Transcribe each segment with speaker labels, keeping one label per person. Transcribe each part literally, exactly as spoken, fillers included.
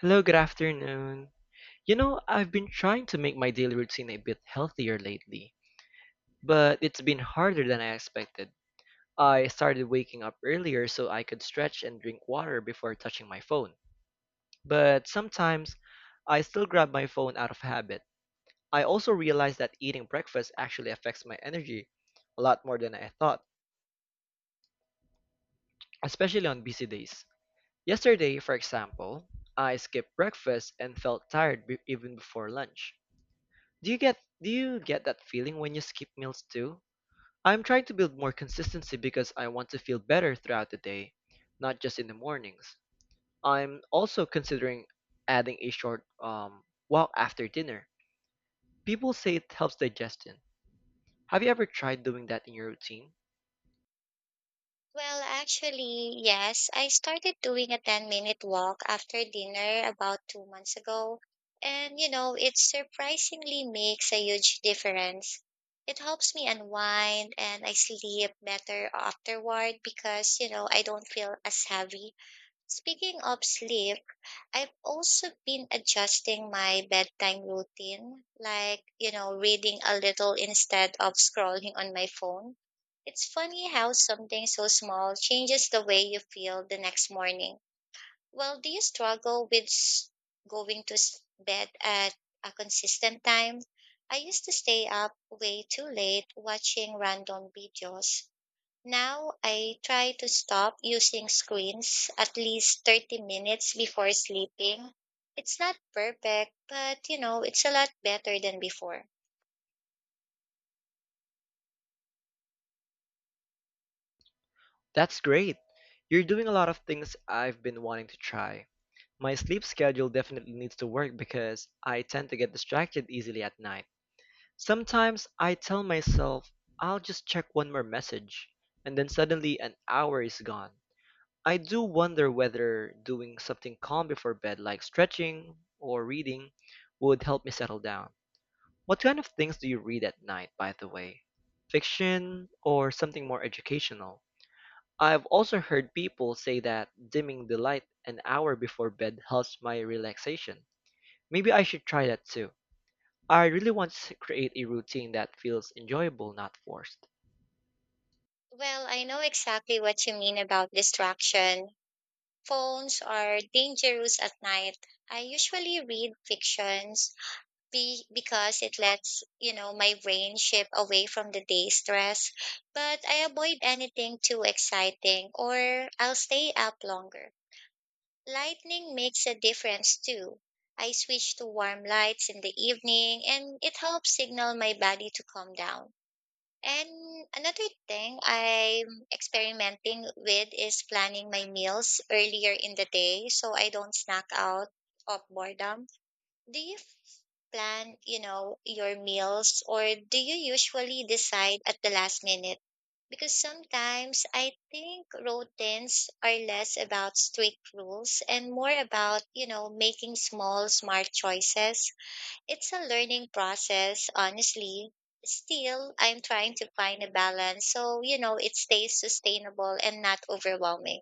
Speaker 1: Hello, good afternoon. You know, I've been trying to make my daily routine a bit healthier lately, but it's been harder than I expected. I started waking up earlier so I could stretch and drink water before touching my phone. But sometimes I still grab my phone out of habit. I also realized that eating breakfast actually affects my energy a lot more than I thought, especially on busy days. Yesterday, for example, I skipped breakfast and felt tired be- even before lunch. Do you get do you get that feeling when you skip meals too? I'm trying to build more consistency because I want to feel better throughout the day, not just in the mornings. I'm also considering adding a short um, walk after dinner. People say it helps digestion. Have you ever tried doing that in your routine?
Speaker 2: Well, actually, yes. I started doing a ten minute walk after dinner about two months ago. And, you know, it surprisingly makes a huge difference. It helps me unwind and I sleep better afterward because, you know, I don't feel as heavy. Speaking of sleep, I've also been adjusting my bedtime routine, like, you know, reading a little instead of scrolling on my phone. It's funny how something so small changes the way you feel the next morning. Well, do you struggle with s- going to s- bed at a consistent time? I used to stay up way too late watching random videos. Now I try to stop using screens at least thirty minutes before sleeping. It's not perfect, but you know, it's a lot better than before.
Speaker 1: That's great. You're doing a lot of things I've been wanting to try. My sleep schedule definitely needs to work because I tend to get distracted easily at night. Sometimes I tell myself I'll just check one more message, and then suddenly an hour is gone. I do wonder whether doing something calm before bed, like stretching or reading, would help me settle down. What kind of things do you read at night, by the way? Fiction or something more educational? I've also heard people say that dimming the light an hour before bed helps my relaxation. Maybe I should try that too. I really want to create a routine that feels enjoyable, not forced.
Speaker 2: Well, I know exactly what you mean about distraction. Phones are dangerous at night. I usually read fictions be- because it lets, you know, my brain shift away from the day stress, but I avoid anything too exciting or I'll stay up longer. Lightning makes a difference too. I switch to warm lights in the evening and it helps signal my body to calm down. And another thing I'm experimenting with is planning my meals earlier in the day so I don't snack out of boredom. Do you f- plan, you know, your meals or do you usually decide at the last minute? Because sometimes I think routines are less about strict rules and more about, you know, making small, smart choices. It's a learning process, honestly. Still, I'm trying to find a balance so, you know, it stays sustainable and not overwhelming.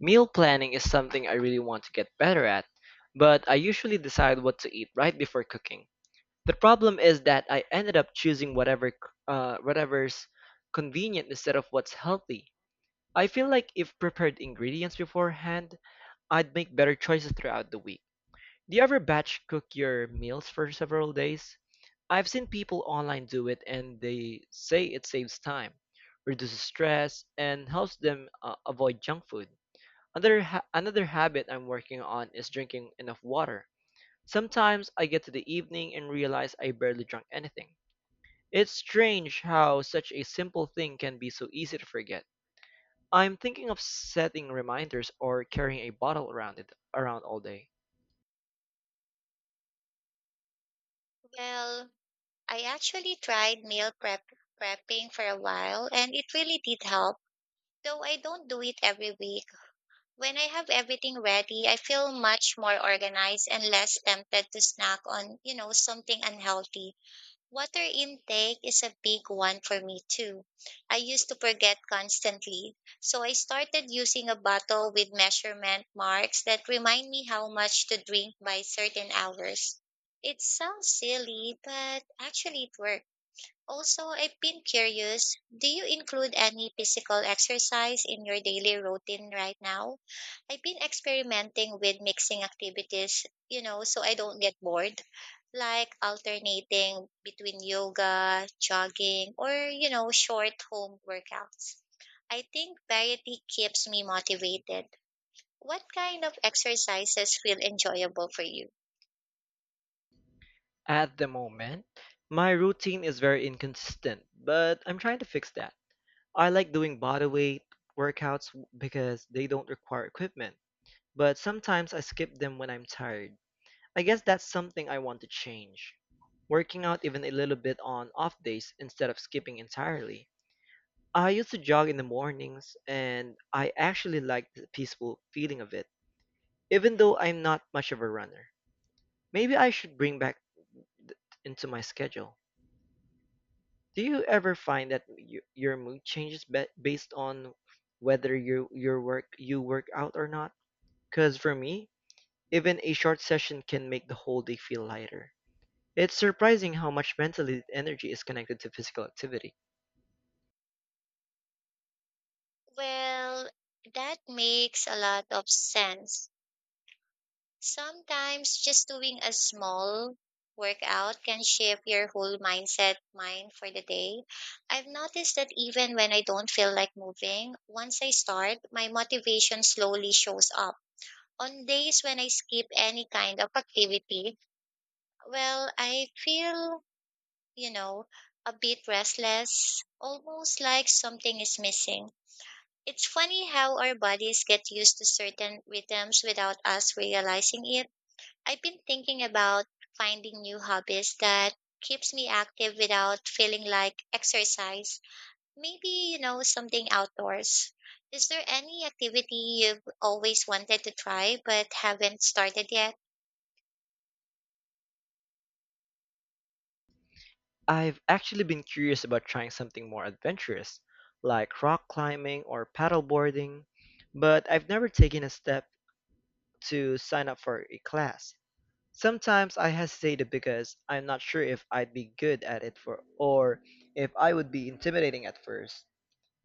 Speaker 1: Meal planning is something I really want to get better at, but I usually decide what to eat right before cooking. The problem is that I ended up choosing whatever c- uh, whatever's convenient instead of what's healthy. I feel like if prepared ingredients beforehand, I'd make better choices throughout the week. Do you ever batch cook your meals for several days? I've seen people online do it and they say it saves time, reduces stress, and helps them uh, avoid junk food. Another ha- another habit I'm working on is drinking enough water. Sometimes I get to the evening and realize I barely drank anything. It's strange how such a simple thing can be so easy to forget. I'm thinking of setting reminders or carrying a bottle around it around all day.
Speaker 2: Well, I actually tried meal prep prepping for a while and it really did help, though I don't do it every week. When I have everything ready, I feel much more organized and less tempted to snack on, you know, something unhealthy. Water intake is a big one for me too. I used to forget constantly, so I started using a bottle with measurement marks that remind me how much to drink by certain hours. It sounds silly, but actually it works. Also, I've been curious, do you include any physical exercise in your daily routine right now? I've been experimenting with mixing activities, you know, so I don't get bored, like alternating between yoga, jogging, or, you know, short home workouts. I think variety keeps me motivated. What kind of exercises feel enjoyable for you?
Speaker 1: At the moment, my routine is very inconsistent, but I'm trying to fix that. I like doing body weight workouts w- because they don't require equipment, but sometimes I skip them when I'm tired. I guess that's something I want to change. Working out even a little bit on off days instead of skipping entirely. I used to jog in the mornings and I actually liked the peaceful feeling of it, even though I'm not much of a runner. Maybe I should bring back th- into my schedule. Do you ever find that y- your mood changes ba- based on whether you your work you work out or not? Cuz for me, even a short session can make the whole day feel lighter. It's surprising how much mentally energy is connected to physical activity.
Speaker 2: Well, that makes a lot of sense. Sometimes just doing a small workout can shift your whole mindset mind for the day. I've noticed that even when I don't feel like moving, once I start, my motivation slowly shows up. On days when I skip any kind of activity, well, I feel, you know, a bit restless, almost like something is missing. It's funny how our bodies get used to certain rhythms without us realizing it. I've been thinking about finding new hobbies that keeps me active without feeling like exercise. Maybe, you know, something outdoors. Is there any activity you've always wanted to try but haven't started yet?
Speaker 1: I've actually been curious about trying something more adventurous, like rock climbing or paddleboarding, but I've never taken a step to sign up for a class. Sometimes I hesitated because I'm not sure if I'd be good at it for or if I would be intimidating at first.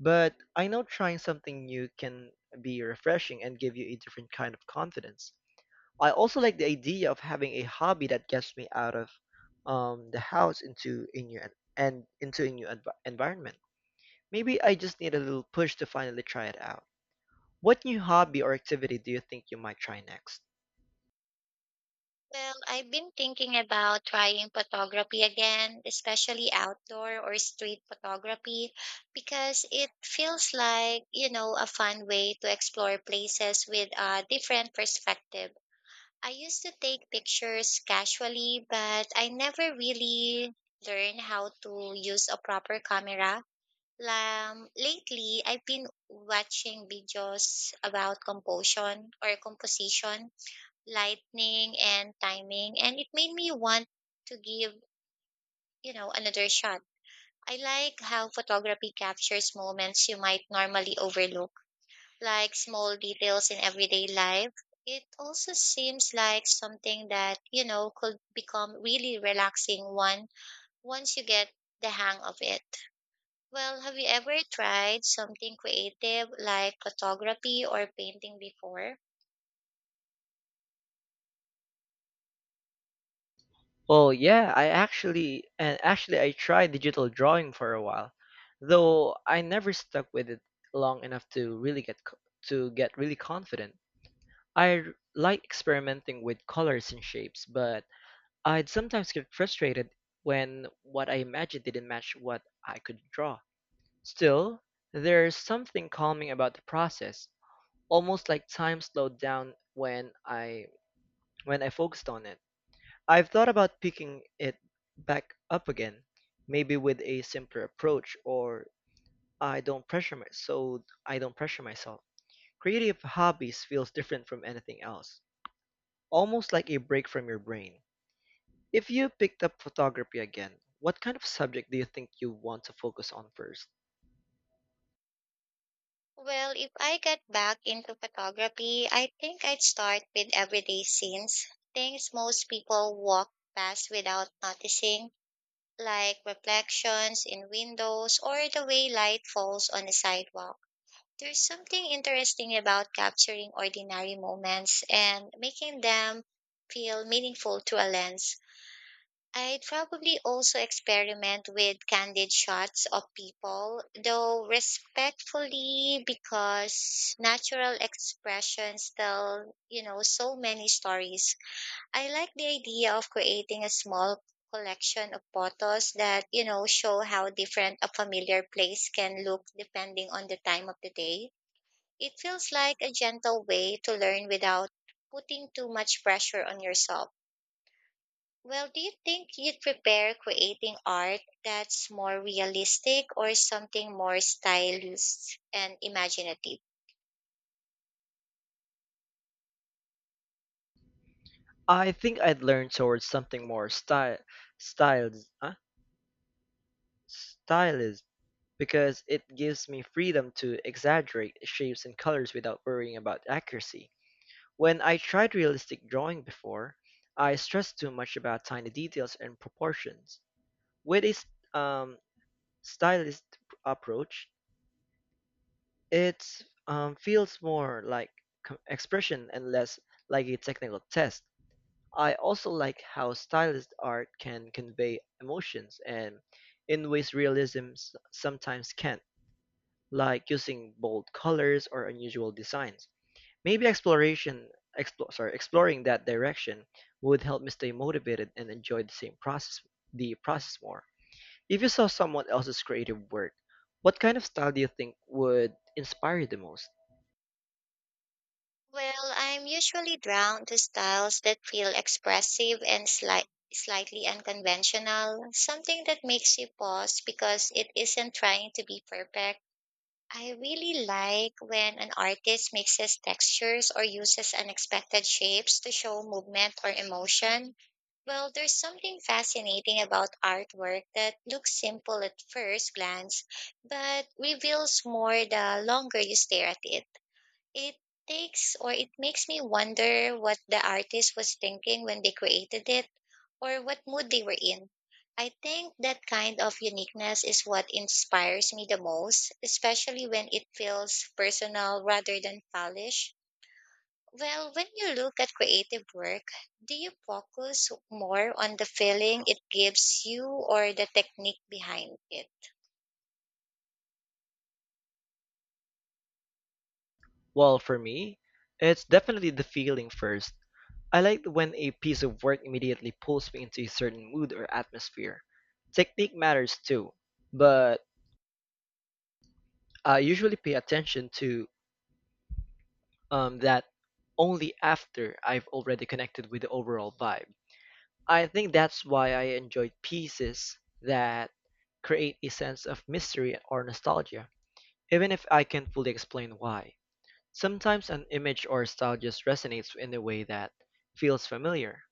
Speaker 1: But I know trying something new can be refreshing and give you a different kind of confidence. I also like the idea of having a hobby that gets me out of um, the house into a new en- and into a new env- environment. Maybe I just need a little push to finally try it out. What new hobby or activity do you think you might try next?
Speaker 2: Well, I've been thinking about trying photography again, especially outdoor or street photography, because it feels like, you know, a fun way to explore places with a different perspective. I used to take pictures casually, but I never really learned how to use a proper camera. Um, lately, I've been watching videos about composition or composition, lightning, and timing, and it made me want to give, you know, another shot. I like how photography captures moments you might normally overlook like small details in everyday life. It also seems like something that, you know, could become really relaxing one once you get the hang of it. Well, have you ever tried something creative like photography or painting before?
Speaker 1: Well, yeah, I actually and actually I tried digital drawing for a while, though I never stuck with it long enough to really get co- to get really confident. I r- like experimenting with colors and shapes, but I'd sometimes get frustrated when what I imagined didn't match what I could draw. Still, there's something calming about the process, almost like time slowed down when I when I focused on it. I've thought about picking it back up again, maybe with a simpler approach or I don't pressure my, so I don't pressure myself. Creative hobbies feels different from anything else, almost like a break from your brain. If you picked up photography again, what kind of subject do you think you want to focus on first?
Speaker 2: Well, if I get back into photography, I think I'd start with everyday scenes, things most people walk past without noticing like reflections in windows or the way light falls on a sidewalk. There's something interesting about capturing ordinary moments and making them feel meaningful through a lens. I'd probably also experiment with candid shots of people, though respectfully because natural expressions tell, you know, so many stories. I like the idea of creating a small collection of photos that, you know, show how different a familiar place can look depending on the time of the day. It feels like a gentle way to learn without putting too much pressure on yourself. Well, do you think you'd prepare creating art that's more realistic or something more stylized and imaginative?
Speaker 1: I think I'd learn towards something more style, styles, huh? stylist, because it gives me freedom to exaggerate shapes and colors without worrying about accuracy. When I tried realistic drawing before, I stressed too much about tiny details and proportions. With a s- um, stylist approach, it um, feels more like co- expression and less like a technical test. I also like how stylist art can convey emotions and in ways realism s- sometimes can't, like using bold colors or unusual designs. Maybe exploration, explore sorry, exploring that direction would help me stay motivated and enjoy the same process, the process more. If you saw someone else's creative work, what kind of style do you think would inspire you the most?
Speaker 2: Well, I'm usually drawn to styles that feel expressive and slight, slightly unconventional, something that makes you pause because it isn't trying to be perfect. I really like when an artist mixes textures or uses unexpected shapes to show movement or emotion. Well, there's something fascinating about artwork that looks simple at first glance, but reveals more the longer you stare at it. It takes or it makes me wonder what the artist was thinking when they created it or what mood they were in. I think that kind of uniqueness is what inspires me the most, especially when it feels personal rather than polished. Well, when you look at creative work, do you focus more on the feeling it gives you or the technique behind it?
Speaker 1: Well, for me, it's definitely the feeling first. I like when a piece of work immediately pulls me into a certain mood or atmosphere. Technique matters too, but I usually pay attention to um, that only after I've already connected with the overall vibe. I think that's why I enjoyed pieces that create a sense of mystery or nostalgia, even if I can't fully explain why. Sometimes an image or style just resonates in a way that feels familiar,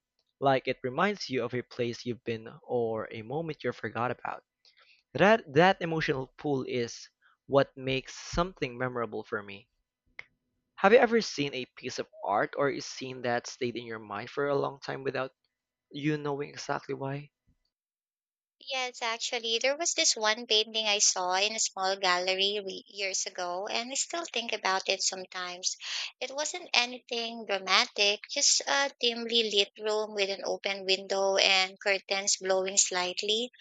Speaker 1: like it reminds you of a place you've been or a moment you forgot about. That that emotional pull is what makes something memorable for me. Have you ever seen a piece of art or a scene that stayed in your mind for a long time without you knowing exactly why?
Speaker 2: Yes, actually, there was this one painting I saw in a small gallery re- years ago, and I still think about it sometimes. It wasn't anything dramatic, just a dimly lit room with an open window and curtains blowing slightly.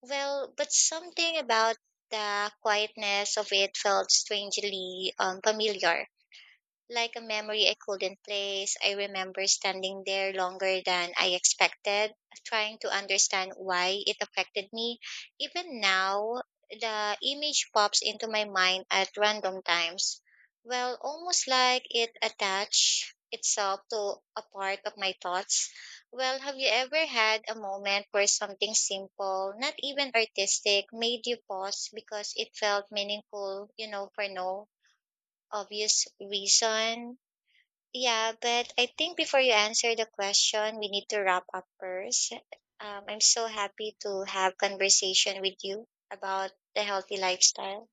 Speaker 2: Well, but something about the quietness of it felt strangely um, familiar like a memory I couldn't place. I remember standing there longer than I expected, trying to understand why it affected me. Even now, the image pops into my mind at random times. Well, almost like it attached itself to a part of my thoughts. Well, have you ever had a moment where something simple, not even artistic, made you pause because it felt meaningful, you know, for no obvious reason? Yeah, but I think before you answer the question, we need to wrap up first. Um, I'm so happy to have conversation with you about the healthy lifestyle.